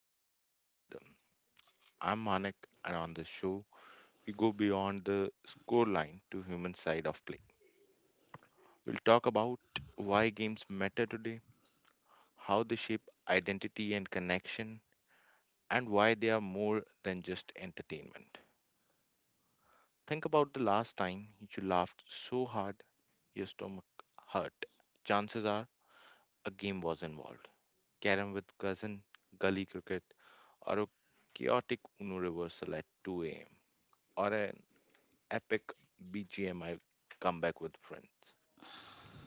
bring people together. I'm Manik, and on this show, we go beyond the scoreline to human side of play. We'll talk about why games matter today, how they shape identity and connection, and why they are more than just entertainment. Think about the last time you laughed so hard your stomach hurt. Chances are a game was involved. Carom with cousin, gully cricket, or a chaotic Uno reversal at 2 a.m., or an epic BGMI comeback with friends.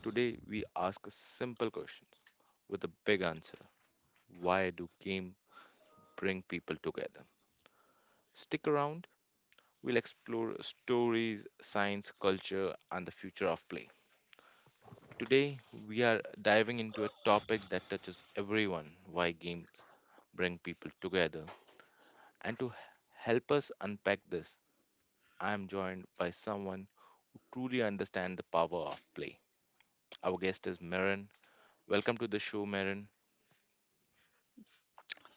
Today, we ask a simple question with a big answer. Why do games bring people together? Stick around, we'll explore stories, science, culture, and the future of play. Today, we are diving into a topic that touches everyone. Why games bring people together? And to help us unpack this, I am joined by someone truly understand the power of play. Our guest is Maren. Welcome to the show, Maren.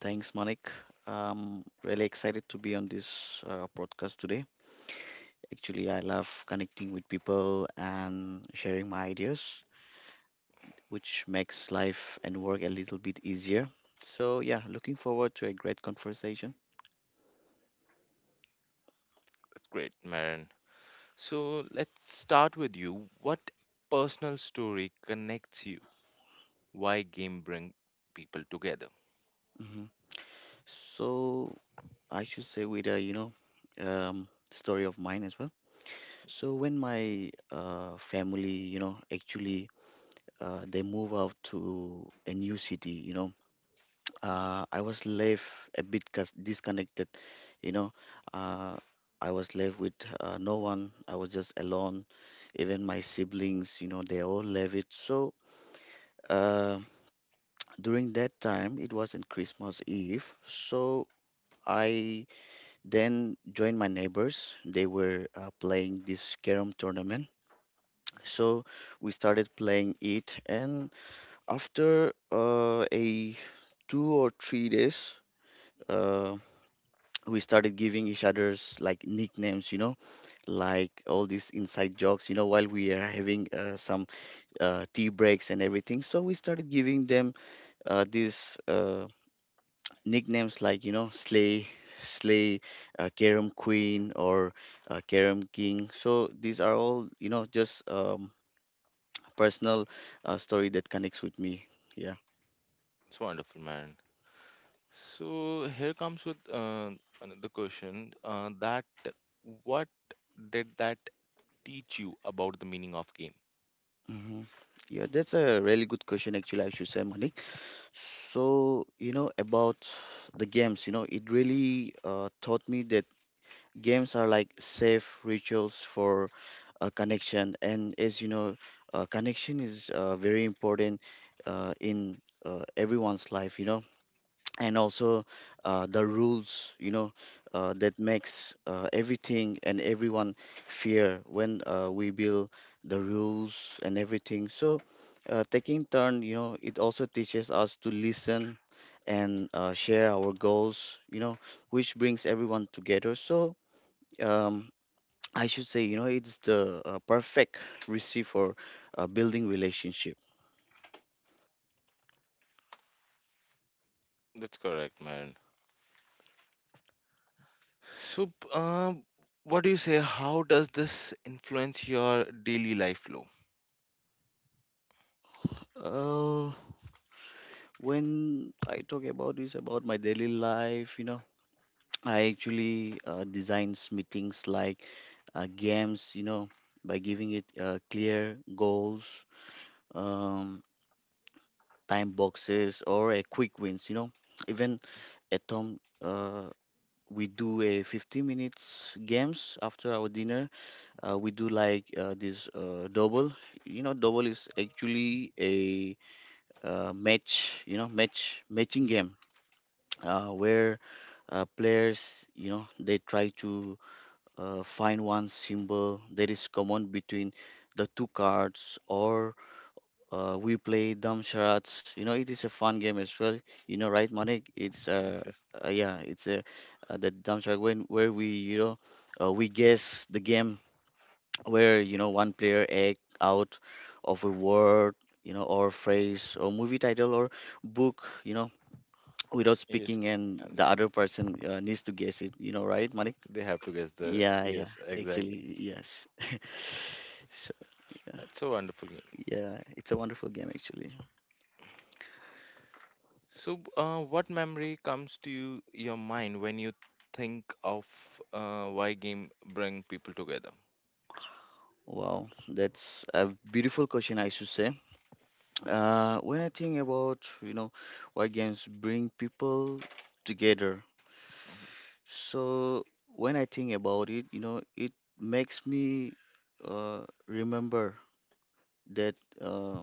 Thanks, Manik. Really excited to be on this podcast today. Actually, I love connecting with people and sharing my ideas, which makes life and work a little bit easier. So, yeah, looking forward to a great conversation. That's great, Maren. So let's start with you. What personal story connects you? Why game bring people together? Hmm. So, I should say with a, story of mine as well. So, when my family, you know, actually they move out to a new city, you know, I was left a bit disconnected, you know. Uh, I was left with no one. I was just alone. Even my siblings, you know, they all left it. So uh, during that time, it wasn't Christmas Eve. So I then joined my neighbors. They were playing this carom tournament. So we started playing it, and after a 2 or 3 days. Uh, we started giving each other's like nicknames, you know, like all these inside jokes, you know, while we are having some tea breaks and everything. So we started giving them these nicknames like, you know, Slay, Slay, Kerem Queen, or Kerem King. So these are all, you know, just personal story that connects with me. Yeah. It's wonderful, Maren. So here comes with another question. That what did that teach you about the meaning of game? Hmm. Yeah, that's a really good question, actually, I should say, Monique. So, you know, about the games, you know, it really taught me that games are like safe rituals for a connection. And as you know, connection is very important in everyone's life, you know, and also the rules, you know, that makes everything and everyone fear when we build the rules and everything. So taking turn, you know, it also teaches us to listen and share our goals, you know, which brings everyone together. So um, I should say, you know, it's the perfect recipe for building relationship. That's correct, Maren. So, what do you say? How does this influence your daily life flow? uh, when I talk about this about my daily life, you know, I actually designs meetings like games, you know, by giving it clear goals, um, time boxes, or a quick wins. You know, even at home, we do a 50 minutes games after our dinner. We do like this double. You know, double is actually a match. You know, match matching game where players, you know, they try to find one symbol that is common between the two cards. Or we play dumb charades, you know, it is a fun game as well, you know, right Manik? It's Yes, yes, yeah, it's a the dumb charade, when where we, you know, we guess the game where, you know, one player act out of a word, you know, or phrase or movie title or book, you know, without yes. speaking, and And the other person needs to guess it, you know, right Manik? they have to guess the Yeah, yeah, yes, exactly. actually, yes. So, That's a wonderful game. yeah, it's a wonderful game, actually. So, what memory comes to you, your mind when you think of why game bring people together? Wow, that's a beautiful question, I should say. When I think about, you know, why games bring people together, so when I think about it, you know, it makes me remember that, uh,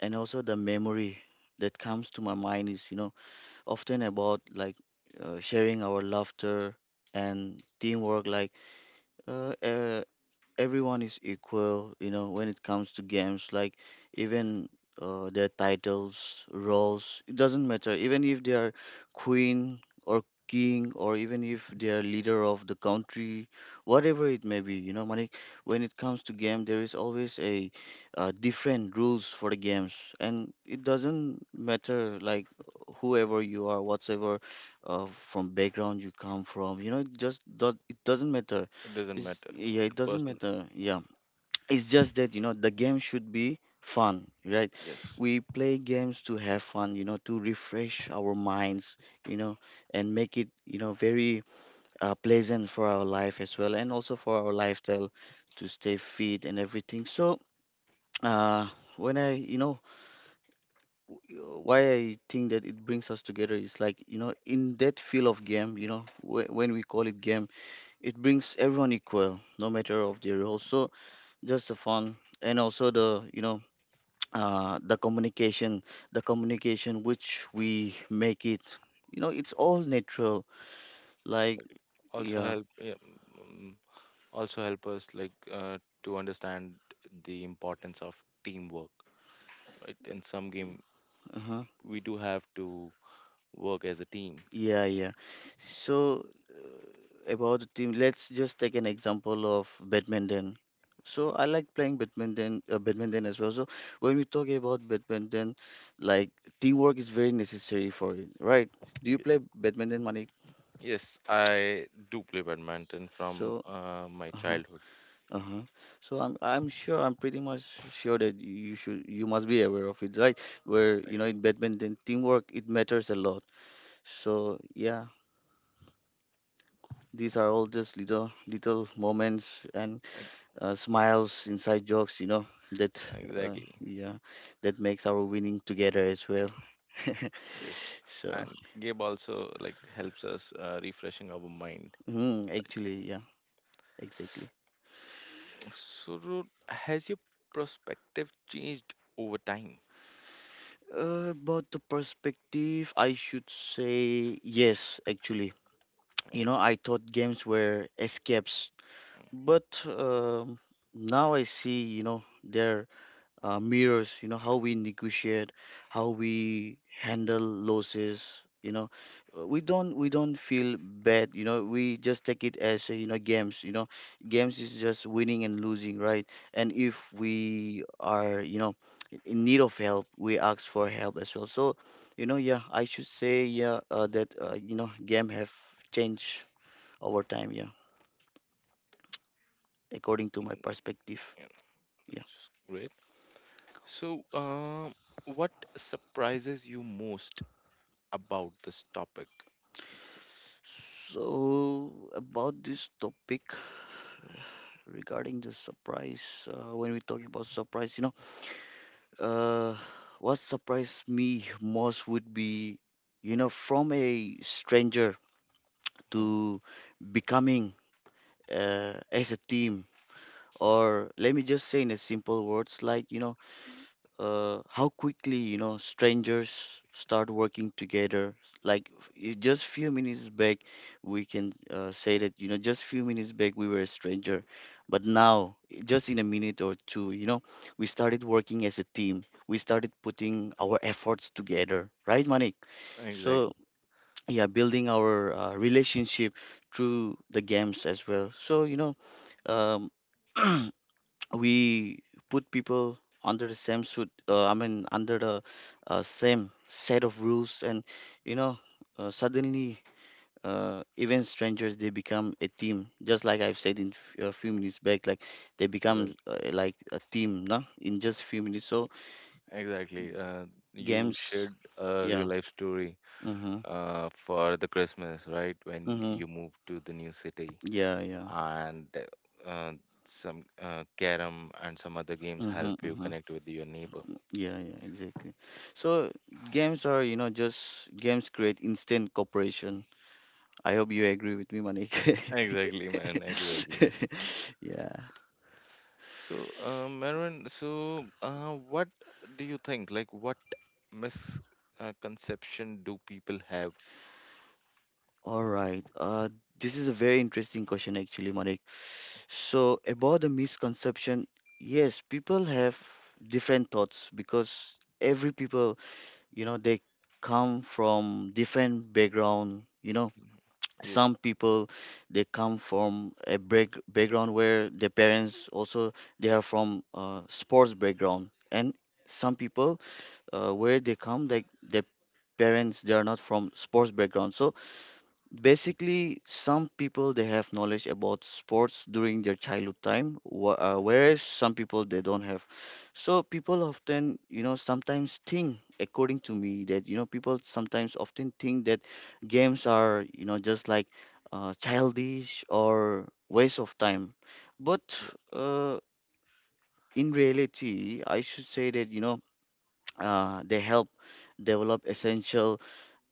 and also the memory that comes to my mind is, you know, often about like sharing our laughter and teamwork, like uh, uh, everyone is equal, you know, when it comes to games, like even their titles, roles, it doesn't matter. Even if they are queen or king, or even if they are leader of the country, whatever it may be, you know, Manik, when it comes to game, there is always a different rules for the games, and it doesn't matter like whoever you are, whatsoever from background you come from, you know, it just it doesn't matter. It doesn't It's, matter. yeah, it The doesn't person, matter. Yeah, it's just that, you know, the game should be fun, right? yes, We play games to have fun, you know, to refresh our minds, you know, and make it, you know, very pleasant for our life as well, and also for our lifestyle to stay fit and everything. So, uh, when I, you know, why I think that it brings us together is like, you know, in that field of game, you know, when we call it game, it brings everyone equal, no matter of their role. So just the fun, and also the, you know, the communication, the communication which we make it, you know, it's all natural, like, also yeah. help. Yeah, mm, also help us like to understand the importance of teamwork. Right? In some game, Uh-huh. we do have to work as a team. Yeah, yeah. So about the team, let's just take an example of badminton. So I like playing badminton as well. So when we talk about badminton, like, teamwork is very necessary for it, right? Do you play badminton, Manik? Yes, I do play badminton from So my uh-huh. childhood. Uh-huh. So I'm sure, I'm pretty much sure that you should you must be aware of it, right? Where, you know, Exactly. in badminton teamwork, it matters a lot. So yeah, these are all just little little moments and Ex- smiles, inside jokes, you know, that Exactly. yeah, that makes our winning together as well. Yes. So And game also like helps us refreshing our mind. mm, actually yeah, exactly. So, has your perspective changed over time? About the perspective, I should say yes. Actually, you know, I thought games were escapes. Mm, But now I see, you know, their mirrors, you know, how we negotiate, how we handle losses, you know. We don't feel bad, you know. We just take it as, you know. Games is just winning and losing, right? And if we are, you know, in need of help, we ask for help as well. So, you know, yeah, I should say, yeah, that, you know, game have changed over time, yeah, according to my mm, perspective. yeah, Yeah. that's great. So, what surprises you most about this topic? So, about this topic regarding the surprise, when we talk about surprise, you know, uh, what surprised me most would be, you know, from a stranger Hmm. to becoming as a team, or let me just say in a simple words, like, you know, how quickly, you know, strangers start working together like just few minutes back, we can say that, you know, just few minutes back we were a stranger, but now just in a minute or two, you know, we started working as a team, we started putting our efforts together, right Manik? So Exactly. yeah, building our relationship through the games as well. So, you know, um, we put people under the same suit, I mean under the same set of rules, and, you know, suddenly even strangers they become a team, just like I've said in a few minutes back, like they become Exactly. Like a team, no? In just few minutes. So Exactly. You games, shared a real yeah. life story Mm-hmm, for the Christmas, right? When mm-hmm, you move to the new city, yeah yeah. and uh, some carom and some other games Mm-hmm, help you mm-hmm. connect with your neighbor. Yeah, yeah, exactly. So games are, you know, just games create instant cooperation, I hope you agree with me, Manik. Exactly, man. Exactly. Yeah. So, Marvin, so what do you think? Like, what misconception do people have? All right. This is a very interesting question, actually, Manik. So, about the misconception, yes, people have different thoughts because every people, you know, they come from different background, you know. Yes, Some people they come from a break, background where their parents also they are from sports background, and some people where they come like their parents they are not from sports background. So basically some people they have knowledge about sports during their childhood time, whereas some people they don't have. So people often, you know, sometimes think, according to me, that, you know, people sometimes often think that games are, you know, just like childish or waste of time, but uh, in reality I should say that, you know, they help develop essential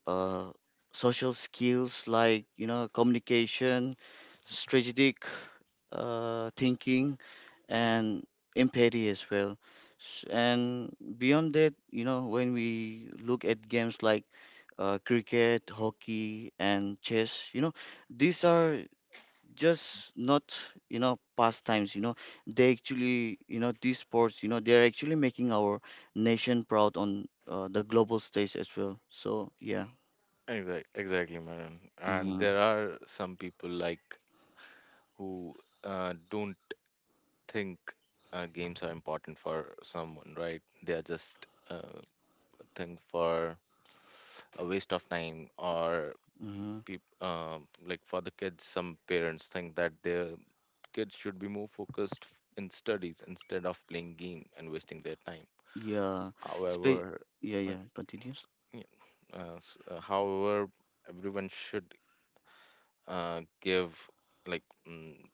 uh, social skills like, you know, communication, strategic thinking, and empathy as well. And beyond that, you know, when we look at games like cricket, hockey, and chess, you know, these are just not, you know, pastimes. You know, they actually, you know, these sports, you know, they're actually making our nation proud on the global stage as well. So yeah. exactly, exactly, Marvin. And Mhm. there are some people like who don't think games are important for someone, right? They are just uh, thing for a waste of time, or Mm-hmm. peop like for the kids, some parents think that their kids should be more focused in studies instead of playing game and wasting their time. Yeah. However, Spe- yeah, uh, yeah. Continue. s- yeah, however, everyone should give like,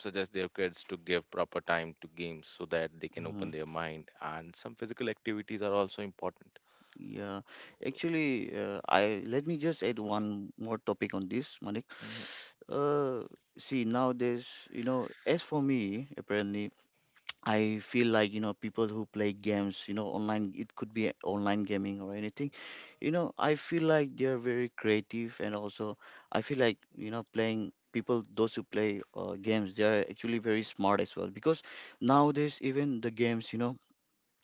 suggest their kids to give proper time to games so that they can Mm-hmm. open their mind and some physical activities are also important. Yeah. Actually, I, let me just add one more topic on this, Manik. Mhm. Uh, See, nowadays, you know, as for me, apparently, I feel like, you know, people who play games, you know, online, it could be online gaming or anything. You know, I feel like they are very creative, and also I feel like, you know, playing people, those who play games, they are actually very smart as well, because nowadays, even the games, you know,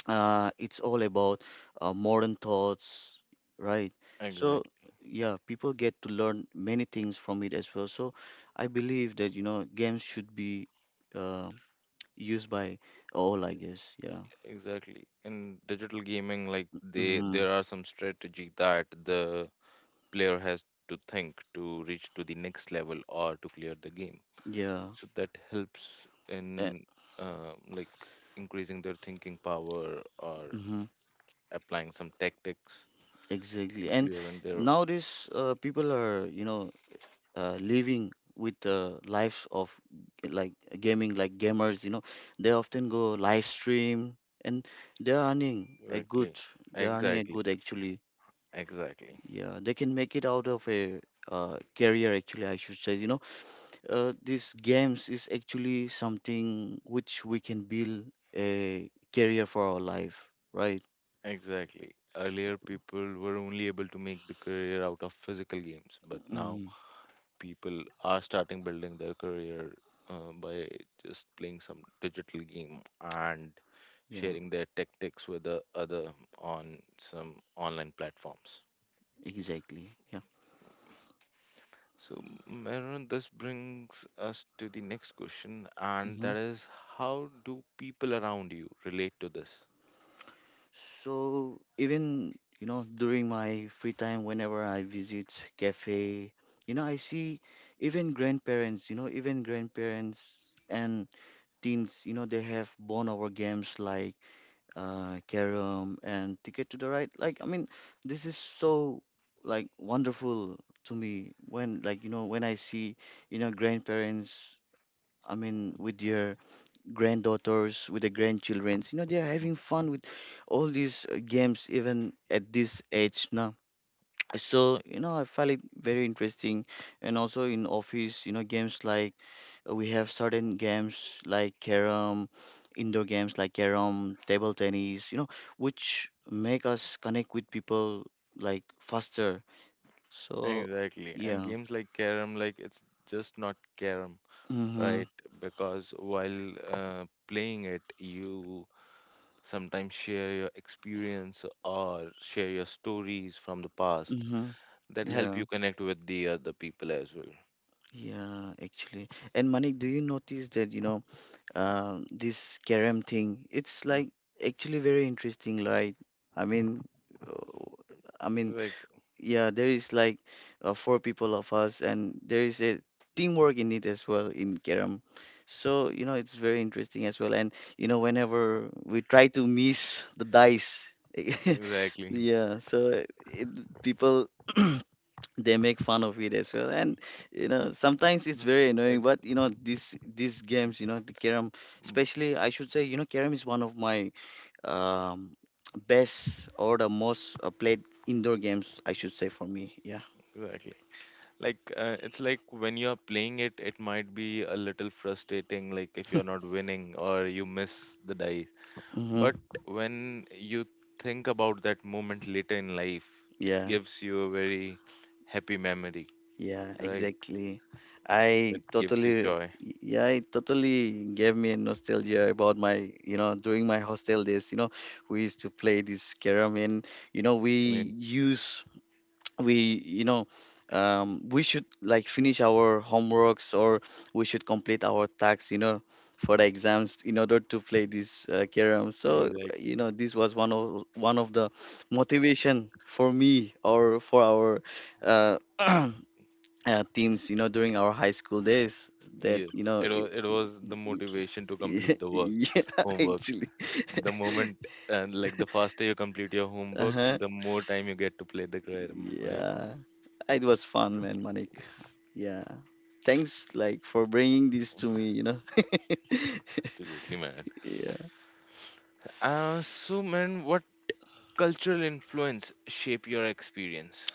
it's all about modern thoughts, right? So, Exactly. yeah, people get to learn many things from it as well. So, I believe that, you know, games should be. um Used by all, I guess. Yeah. Exactly. In digital gaming, like they Mm-hmm. there are some strategy that the player has to think to reach to the next level or to clear the game. Yeah. So that helps And, in like increasing their thinking power or mm-hmm. applying some tactics Exactly. in And clearing their nowadays, people are, you know, living with the lives of like gaming, like gamers, you know, they often go live stream and they're earning a good, exactly. they're earning a Exactly. good actually. Exactly. Yeah. They can make it out of a career actually, I should say, you know, these games is actually something which we can build a career for our life, right? Exactly. Earlier, people were only able to make the career out of physical games, but now Mm, people are starting building their career by just playing some digital game and yeah, sharing their tactics with the other on some online platforms. exactly. Yeah. So, Meron, this brings us to the next question, and hmm that is how do people around you relate to this? So even you know during my free time, whenever I visit cafe, you know I see even grandparents, you know even grandparents and teens, you know they have born over games like Carom and Ticket to the Ride. Like, I mean, this is so like wonderful to me when like you know when I see you know grandparents. I mean, with their granddaughters, with the grandchildrens, you know, they're Mm. having fun with all these games even at this age now, so you know I find it very interesting. And also in office you know games like we have certain games like carom, indoor games like carom, table tennis, you know, which make us connect with people like faster. So Exactly. And yeah. games like Carrom, like it's just not Carrom, Mm-hmm. right? Because while playing it, you sometimes share your experience or share your stories from the past Mm-hmm. that help Yeah, you connect with the other people as well. yeah, actually. And Manik, do you notice that you know this carom thing, it's Mm. like actually very interesting, like I mean, uh, I mean, Exact- yeah, there is like four people of us, and there is a teamwork in it as well in Kerem. So, you know, it's very interesting as well. And, you know, whenever we try to miss the dice, Exactly. yeah, so people they make fun of it as well. And, you know, sometimes it's Yes, very annoying, it- but, you know, these games, you know, the Kerem, mm. especially, I should say, you know, Kerem is one of my um, best or the most played indoor games, I should say, for me. Yeah. Exactly. Like it's like when you're playing it, it might be a little frustrating. Like if you're not winning or you miss the dice. Mm-hmm. But when you think about that moment later in life, it Yeah. gives you a very happy memory, Yeah. right? Exactly. It I gives you totally. joy. Yeah, it totally gave me a nostalgia about my, you know, during my hostel days. You know, we used to play this carom, and you know, I mean, use we you know we should like finish our homeworks, or we should complete our tasks you know for the exams in order to play this carom. So you exactly. know this was one of the motivation for me or for our uh, uh, teams, you know, during our high school days, that you Yes, know it was the motivation to complete the work, yeah, homework. actually. The moment and like the faster you complete your homework, Uh-huh. the more time you get to play the carom, right? Yeah, it was fun, man, Manik. Yes, Yeah, thanks like for bringing this to me. You know. absolutely, man. Yeah. So man, what cultural influence shape your experience?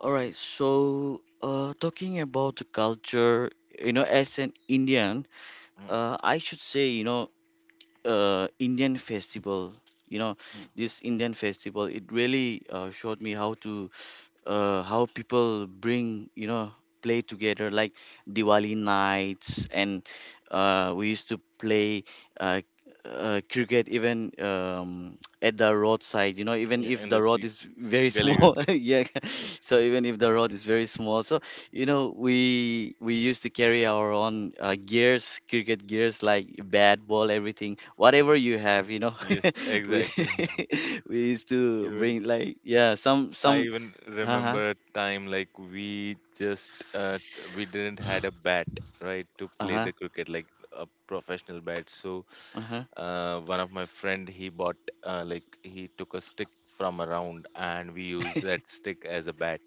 All right. So, talking about the culture, you know, as an Indian, Mm, I should say, you know, Indian festival. You know, mm. this Indian festival, it really showed me how to how people bring you know play together like Diwali nights. And we used to play uh, cricket even at the roadside, you know, even Yeah, if and the the road sweets. is very Gully small. cricket. Yeah, Yes. so even if the road is very small, so you know we used to carry our own gears, cricket gears, like bat, ball, everything, whatever you have, you know. Yes, We exactly. we used to Even bring like yeah, some I some. even Uh-huh. remember a time like we just we didn't had a bat, right, to play Uh-huh. the cricket like a professional bat. So Uh-huh. One of my friend he bought like he took a stick from around and we used that stick as a bat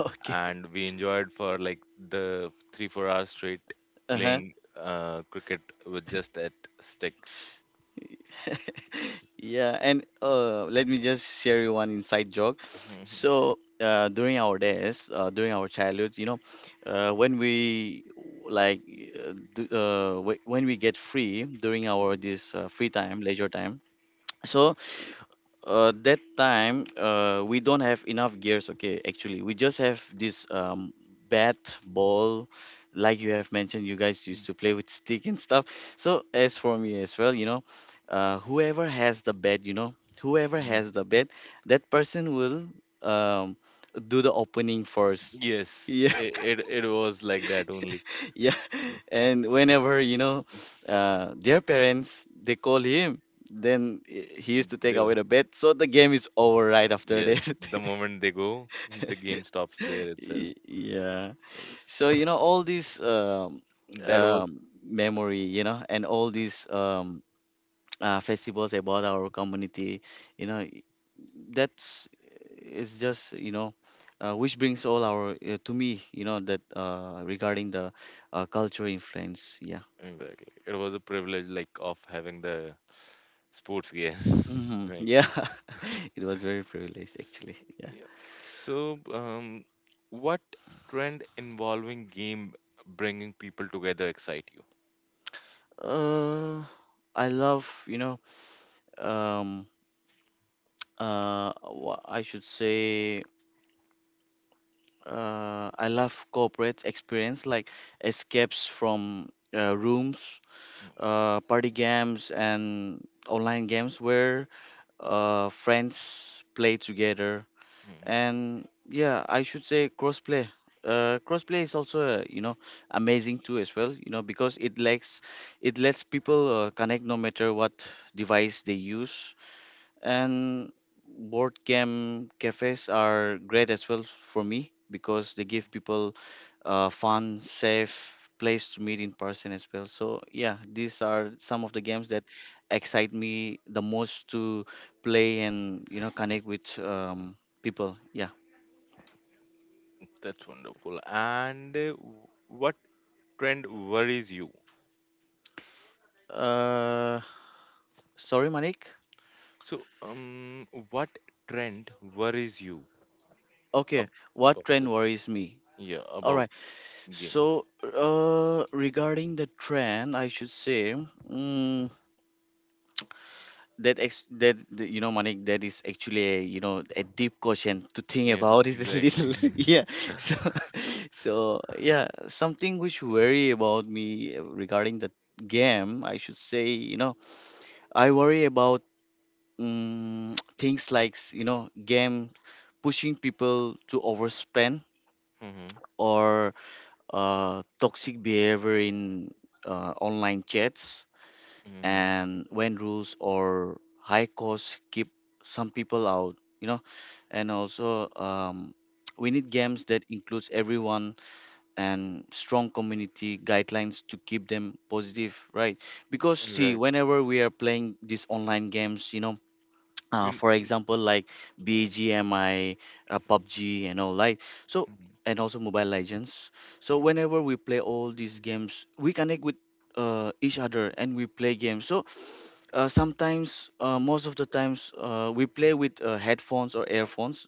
Okay. and we enjoyed for like the 3 4 hours straight Uh-huh. playing cricket with just that stick. Yeah, and let me just share you one inside joke. So, during our days, during our childhood, you know, when we like do, wh- when we get free during our this free time, leisure time, so that time, we don't have enough gears. Okay, actually, we just have this bat, ball, like you have mentioned. You guys used to play with stick and stuff. So as for me as well, you know, whoever has the bat, that person will um do the opening first. Yes, Yeah, it was like that only. yeah. And whenever you know their parents they call him, then he used to take away The the bet, so the game is over right after yes, that. the moment they go, the game stops there itself. Y- yeah. Yes, So you know all these that was memory you know, and all these festivals about our community, you know, I- that's it's just you know which brings all our to me, you know, that regarding the culture influence. Yeah. exactly. It was a privilege like of having the sports gear, Mhm. right? Yeah, it was very privileged actually. Yeah. Yeah. So, what trend involving game bringing people together excite you? Uh, I love, you know, um, I should say, I love corporate experience like escapes from rooms, party games, and online games where friends play together. Mhm. And yeah, I should say crossplay, crossplay is also you know amazing too as well, you know, because it lets people connect no matter what device they use. And board game cafes are great as well for me because they give people fun, safe place to meet in person as well. So yeah, these are some of the games that excite me the most to play and you know connect with people. Yeah. That's wonderful. And what trend worries you? Uh, sorry, Manik. So, what trend worries you? Okay, what About the trend worries me? yeah All about right. game. So, regarding the trend, I should say, mm, that ex that the- you know, Manik, that is actually a you know a deep question to think Yeah, about it a exactly. little. Yeah. So, so yeah, something which worry about me regarding the game, I should say, you know, I worry about mm, things like you know game pushing people to overspend, Mm-hmm. or toxic behavior in online chats, Mm-hmm. and when rules or high costs keep some people out, you know. And also we need games that includes everyone and strong community guidelines to keep them positive, right? Because see, Exactly. whenever we are playing these online games, you know, You for n- example like bgmi, pubg and all, like, so, mhm. and also mobile legends. So whenever we play all these games, we connect with each other and we play games. So sometimes most of the times, we play with headphones or earphones,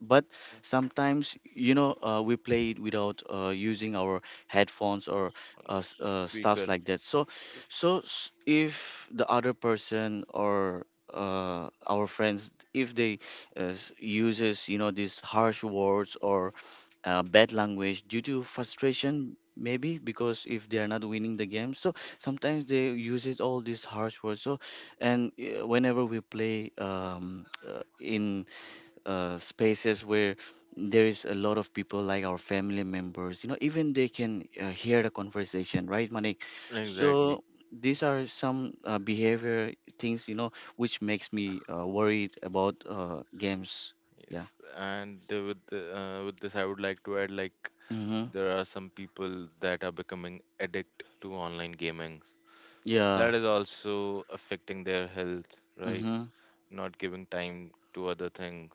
but sometimes, you know, we play it without using our headphones, or On stuff speaker. like that. So if the other person or our friends, if they uses you know these harsh words or bad language due to frustration, maybe because if they are not winning the game, so sometimes they uses all these harsh words. So and whenever we play in spaces where there is a lot of people like our family members, you know, even they can hear the conversation, right Manik? Exactly. So these are some behavior things, you know, which makes me worried about games. Yeah. Yes. And with the, with this, I would like to add like Mm-hmm. there are some people that are becoming addict to online gaming. So Yeah. that is also affecting their health, right? Mm-hmm. Not giving time to other things.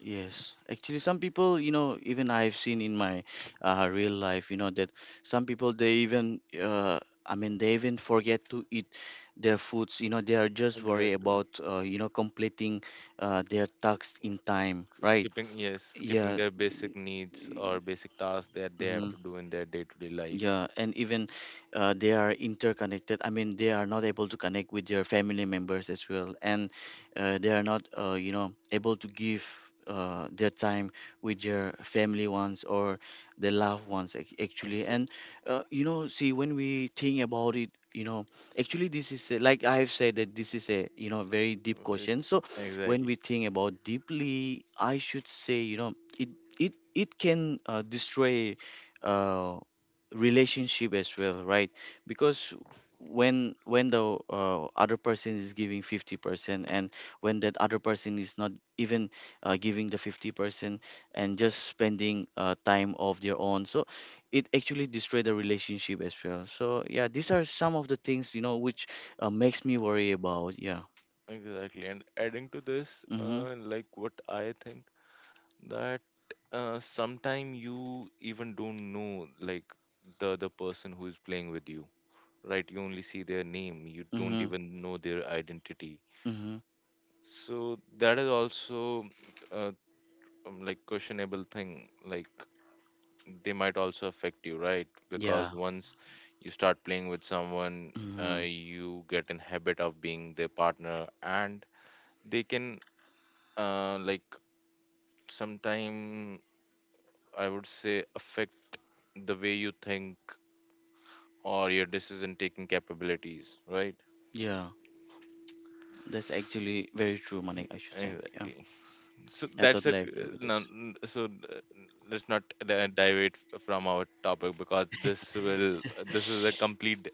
Yes, actually, some people, you know, even I've seen in my real life, you know, that some people they even, I mean, they even forget to eat their foods. You know, they are just worried Exactly. about, you know, completing their tasks in s- time, right? skipping yes skipping Yeah. their basic needs or basic tasks that they have Mhm. to do in their day-to-day life. Yeah, and even they are interconnected. I mean, they are not able to connect with their family members as well, and they are not, you know, able to give their time with their family ones or their loved ones actually. And you know, see, when we think about it, you know, actually, this is a, like I've said that this is a you know very deep Exactly. question. So when Exactly. we think about deeply, I should say, you know, it it can destroy. Uh, relationship as well, right? Because when the other person is giving 50%, and when that other person is not even giving the 50% and just spending time of their own, so it actually destroy the relationship as well. So yeah, these are some of the things, you know, which makes me worry about. Yeah. Exactly, and adding to this Mhm. Like what I think that sometime you even don't know like the other person who is playing with you, right? You only see their name, you don't Mhm. even know their identity. Mhm. So that is also uh, like questionable thing, like they might also affect you, right? Because Yeah. once you start playing with someone, Mhm. you get in habit of being their partner, and they can like sometime I would say affect the way you think or your decision taking capabilities, right? Yeah, that's actually very true, Manik, I should say. Yeah. Exactly. So I that's a totally agree with no. it. So let's not deviate from our topic because this will this is a complete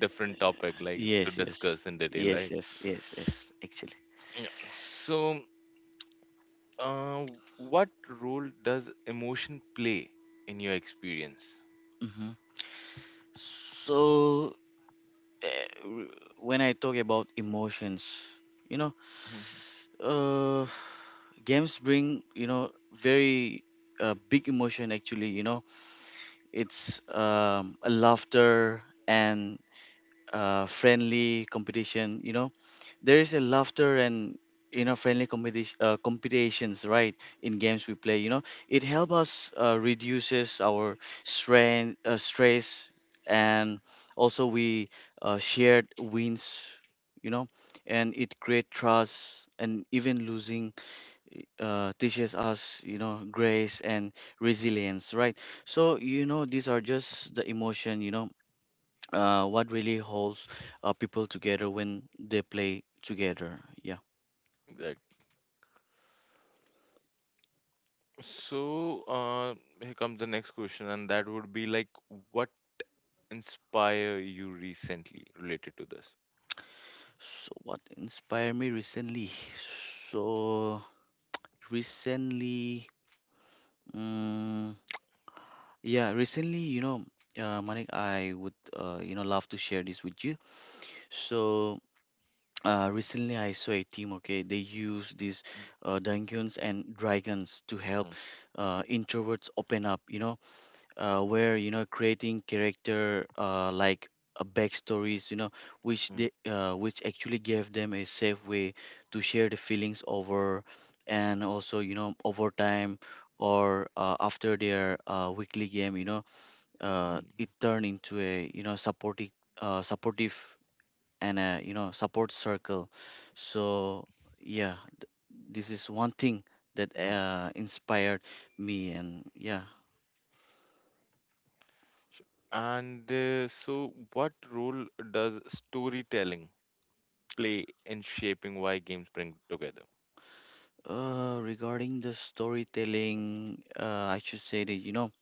different topic like to Yes, yes, discuss in detail, yes, right? yes, yes, yes, actually. Yeah. So, uh, what role does emotion play in your experience? hmm So, uh, when I talk about emotions, you know, Mhm. uh, games bring, you know, very big emotion actually, you know, it's a laughter and friendly competition, you know, there is a laughter and you know friendly competition competitions, right? In games we play, you know, it helps us reduces our strain stress. And also we shared wins, you know, and it create trust. And even losing teaches us you know grace and resilience, right? So you know these are just the emotion, you know, what really holds people together when they play together. Yeah. Like, so, uh, here comes the next question, and that would be like, what inspire you recently related to this? So what inspired me recently? So recently, mm, yeah, recently, you know, Manik, I would, you know, love to share this with you. So recently, I saw a team. Okay, they use these Mm, dungeons and dragons to mm, help introverts open up. Where creating character, like backstories, which mm, they which actually gave them a safe way to share the feelings over, and also, over time, or after their weekly game, it mm, turned into a, supportive, and a, support circle. So yeah, this is one thing that mm. Inspired me. And yeah. Sure. And so, what role does storytelling play in shaping why games bring together? Regarding the storytelling, I should say that,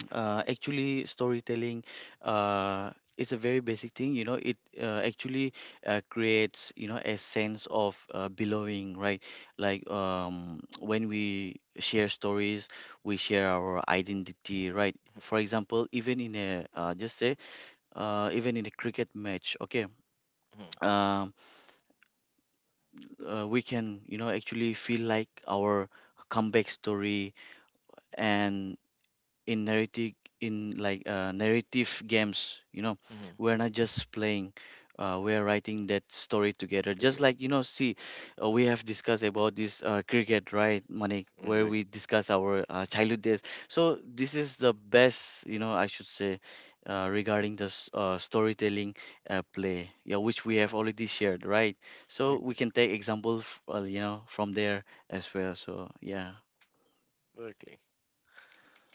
actually storytelling is a very basic thing. It actually creates, a sense of belonging, right? Like when we share stories, we share our identity, right? For example, even in a cricket match, okay, Mhm, um, we can, actually feel like our comeback story, and in narrative in like narrative games, mhm, we're not just playing, we're writing that story together, just together. like, see. We have discussed about this cricket, right, Manik, where Exactly, we discuss our childhood days. So this is the best, I should say, regarding the storytelling play, yeah, which we have already shared, right? So we exact, can take examples, from there as well. So yeah. exactly.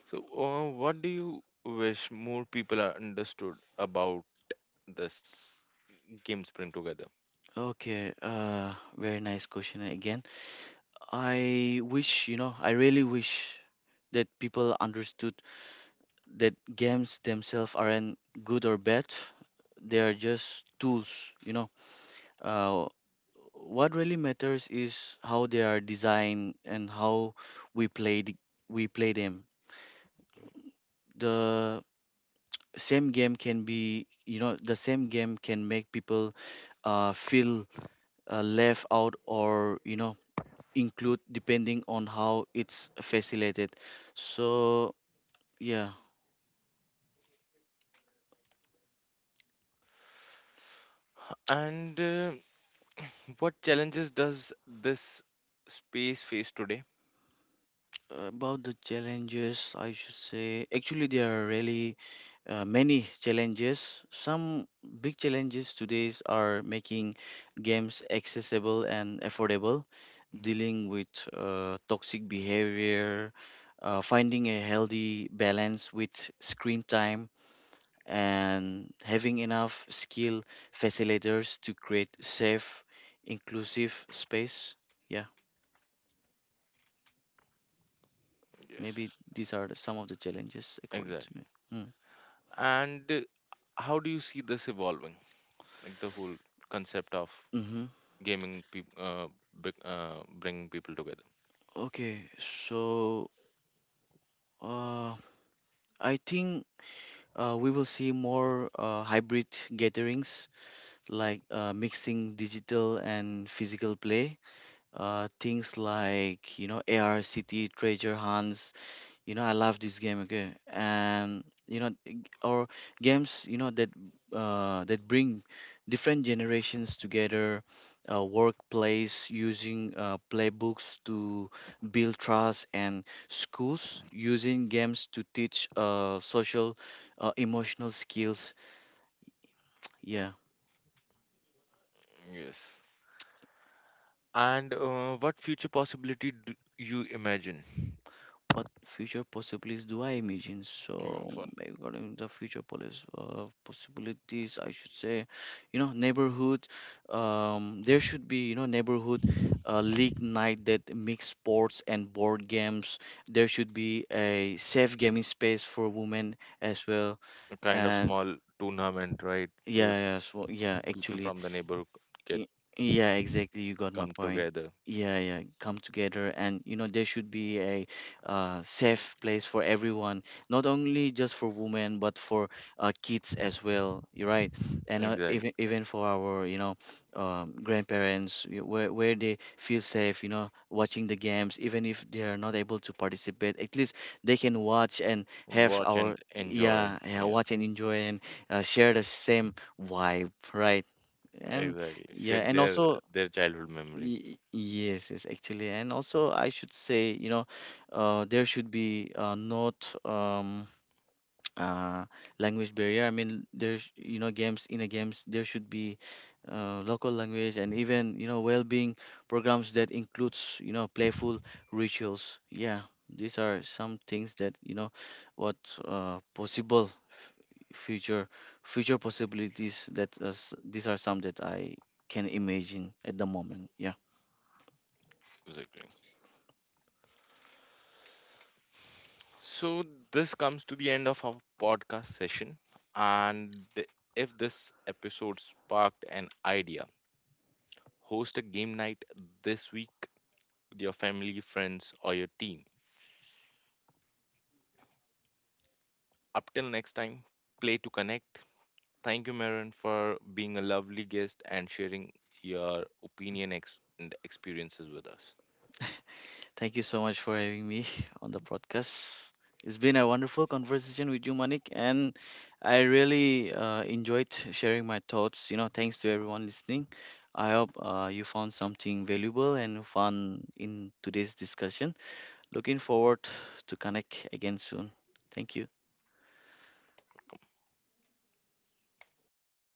So, what do you wish more people are understood about this game sprint together? Okay, very nice question again. I wish, I really wish that people understood that games themselves aren't good or bad. They are just tools, you know. Uh, what really matters is how they are designed and how we play the, we play them. The the same game can make people feel left out, or include, depending on how it's facilitated. So yeah, And what challenges does this space face today? about the challenges, I should say actually there are really many challenges. Some big challenges today are making games accessible and affordable, Mm. dealing with toxic behavior, finding a healthy balance with screen time, and having enough skilled facilitators to create safe, inclusive space. Yeah, maybe Yes, these are some of the challenges according to me. exactly. Mm. Hmm. And how do you see this evolving? Like the whole concept of Mm-hmm. gaming, bringing people together. Okay, so uh, I think we will see more hybrid gatherings, like mixing digital and physical play. Things like AR City treasure hunts. I love this game, okay. And or games, that bring different generations together. Workplace using playbooks to build trust, and schools using games to teach social, emotional skills. Yeah. Yes. And what future possibility do you imagine? What future possibilities do I imagine? You know, So for regarding the future police possibilities, I should say, neighborhood. There should be, neighborhood league night that mix sports and board games. There should be a safe gaming space for women as well. a kind of And small tournament, right? Where yeah, yeah, so, yeah, people actually. from the neighborhood get Y- Yeah, exactly. You got my come point. together. Yeah, yeah. Come together, and there should be a safe place for everyone, not only just for women, but for kids as well. You're right. And Exactly. even for our grandparents, where they feel safe, you know, watching the games, even if they are not able to participate. At least they can watch and have Watch and our enjoy. yeah, yeah, Yeah, watch and enjoy, and share the same vibe, right? And exactly. Share yeah, and also, their childhood memory. Yes, yes, actually, and also I should say, there should be, not um uh language barrier. I mean, there's, games in a games there should be local language. And even, well-being programs that includes, playful rituals. Yeah, these are some things that, what, possible future possibilities that us, these are some that I can imagine at the moment. Yeah. Exactly. So this comes to the end of our podcast session, and if this episode sparked an idea, host a game night this week with your family, friends, or your team. Up till next time, play to connect. Thank you, Maren, for being a lovely guest and sharing your opinion and experiences with us. Thank you so much for having me on the podcast. It's been a wonderful conversation with you, Manik, and I really enjoyed sharing my thoughts. You know, thanks to everyone listening. I hope you found something valuable and fun in today's discussion. Looking forward to connect again soon. Thank you.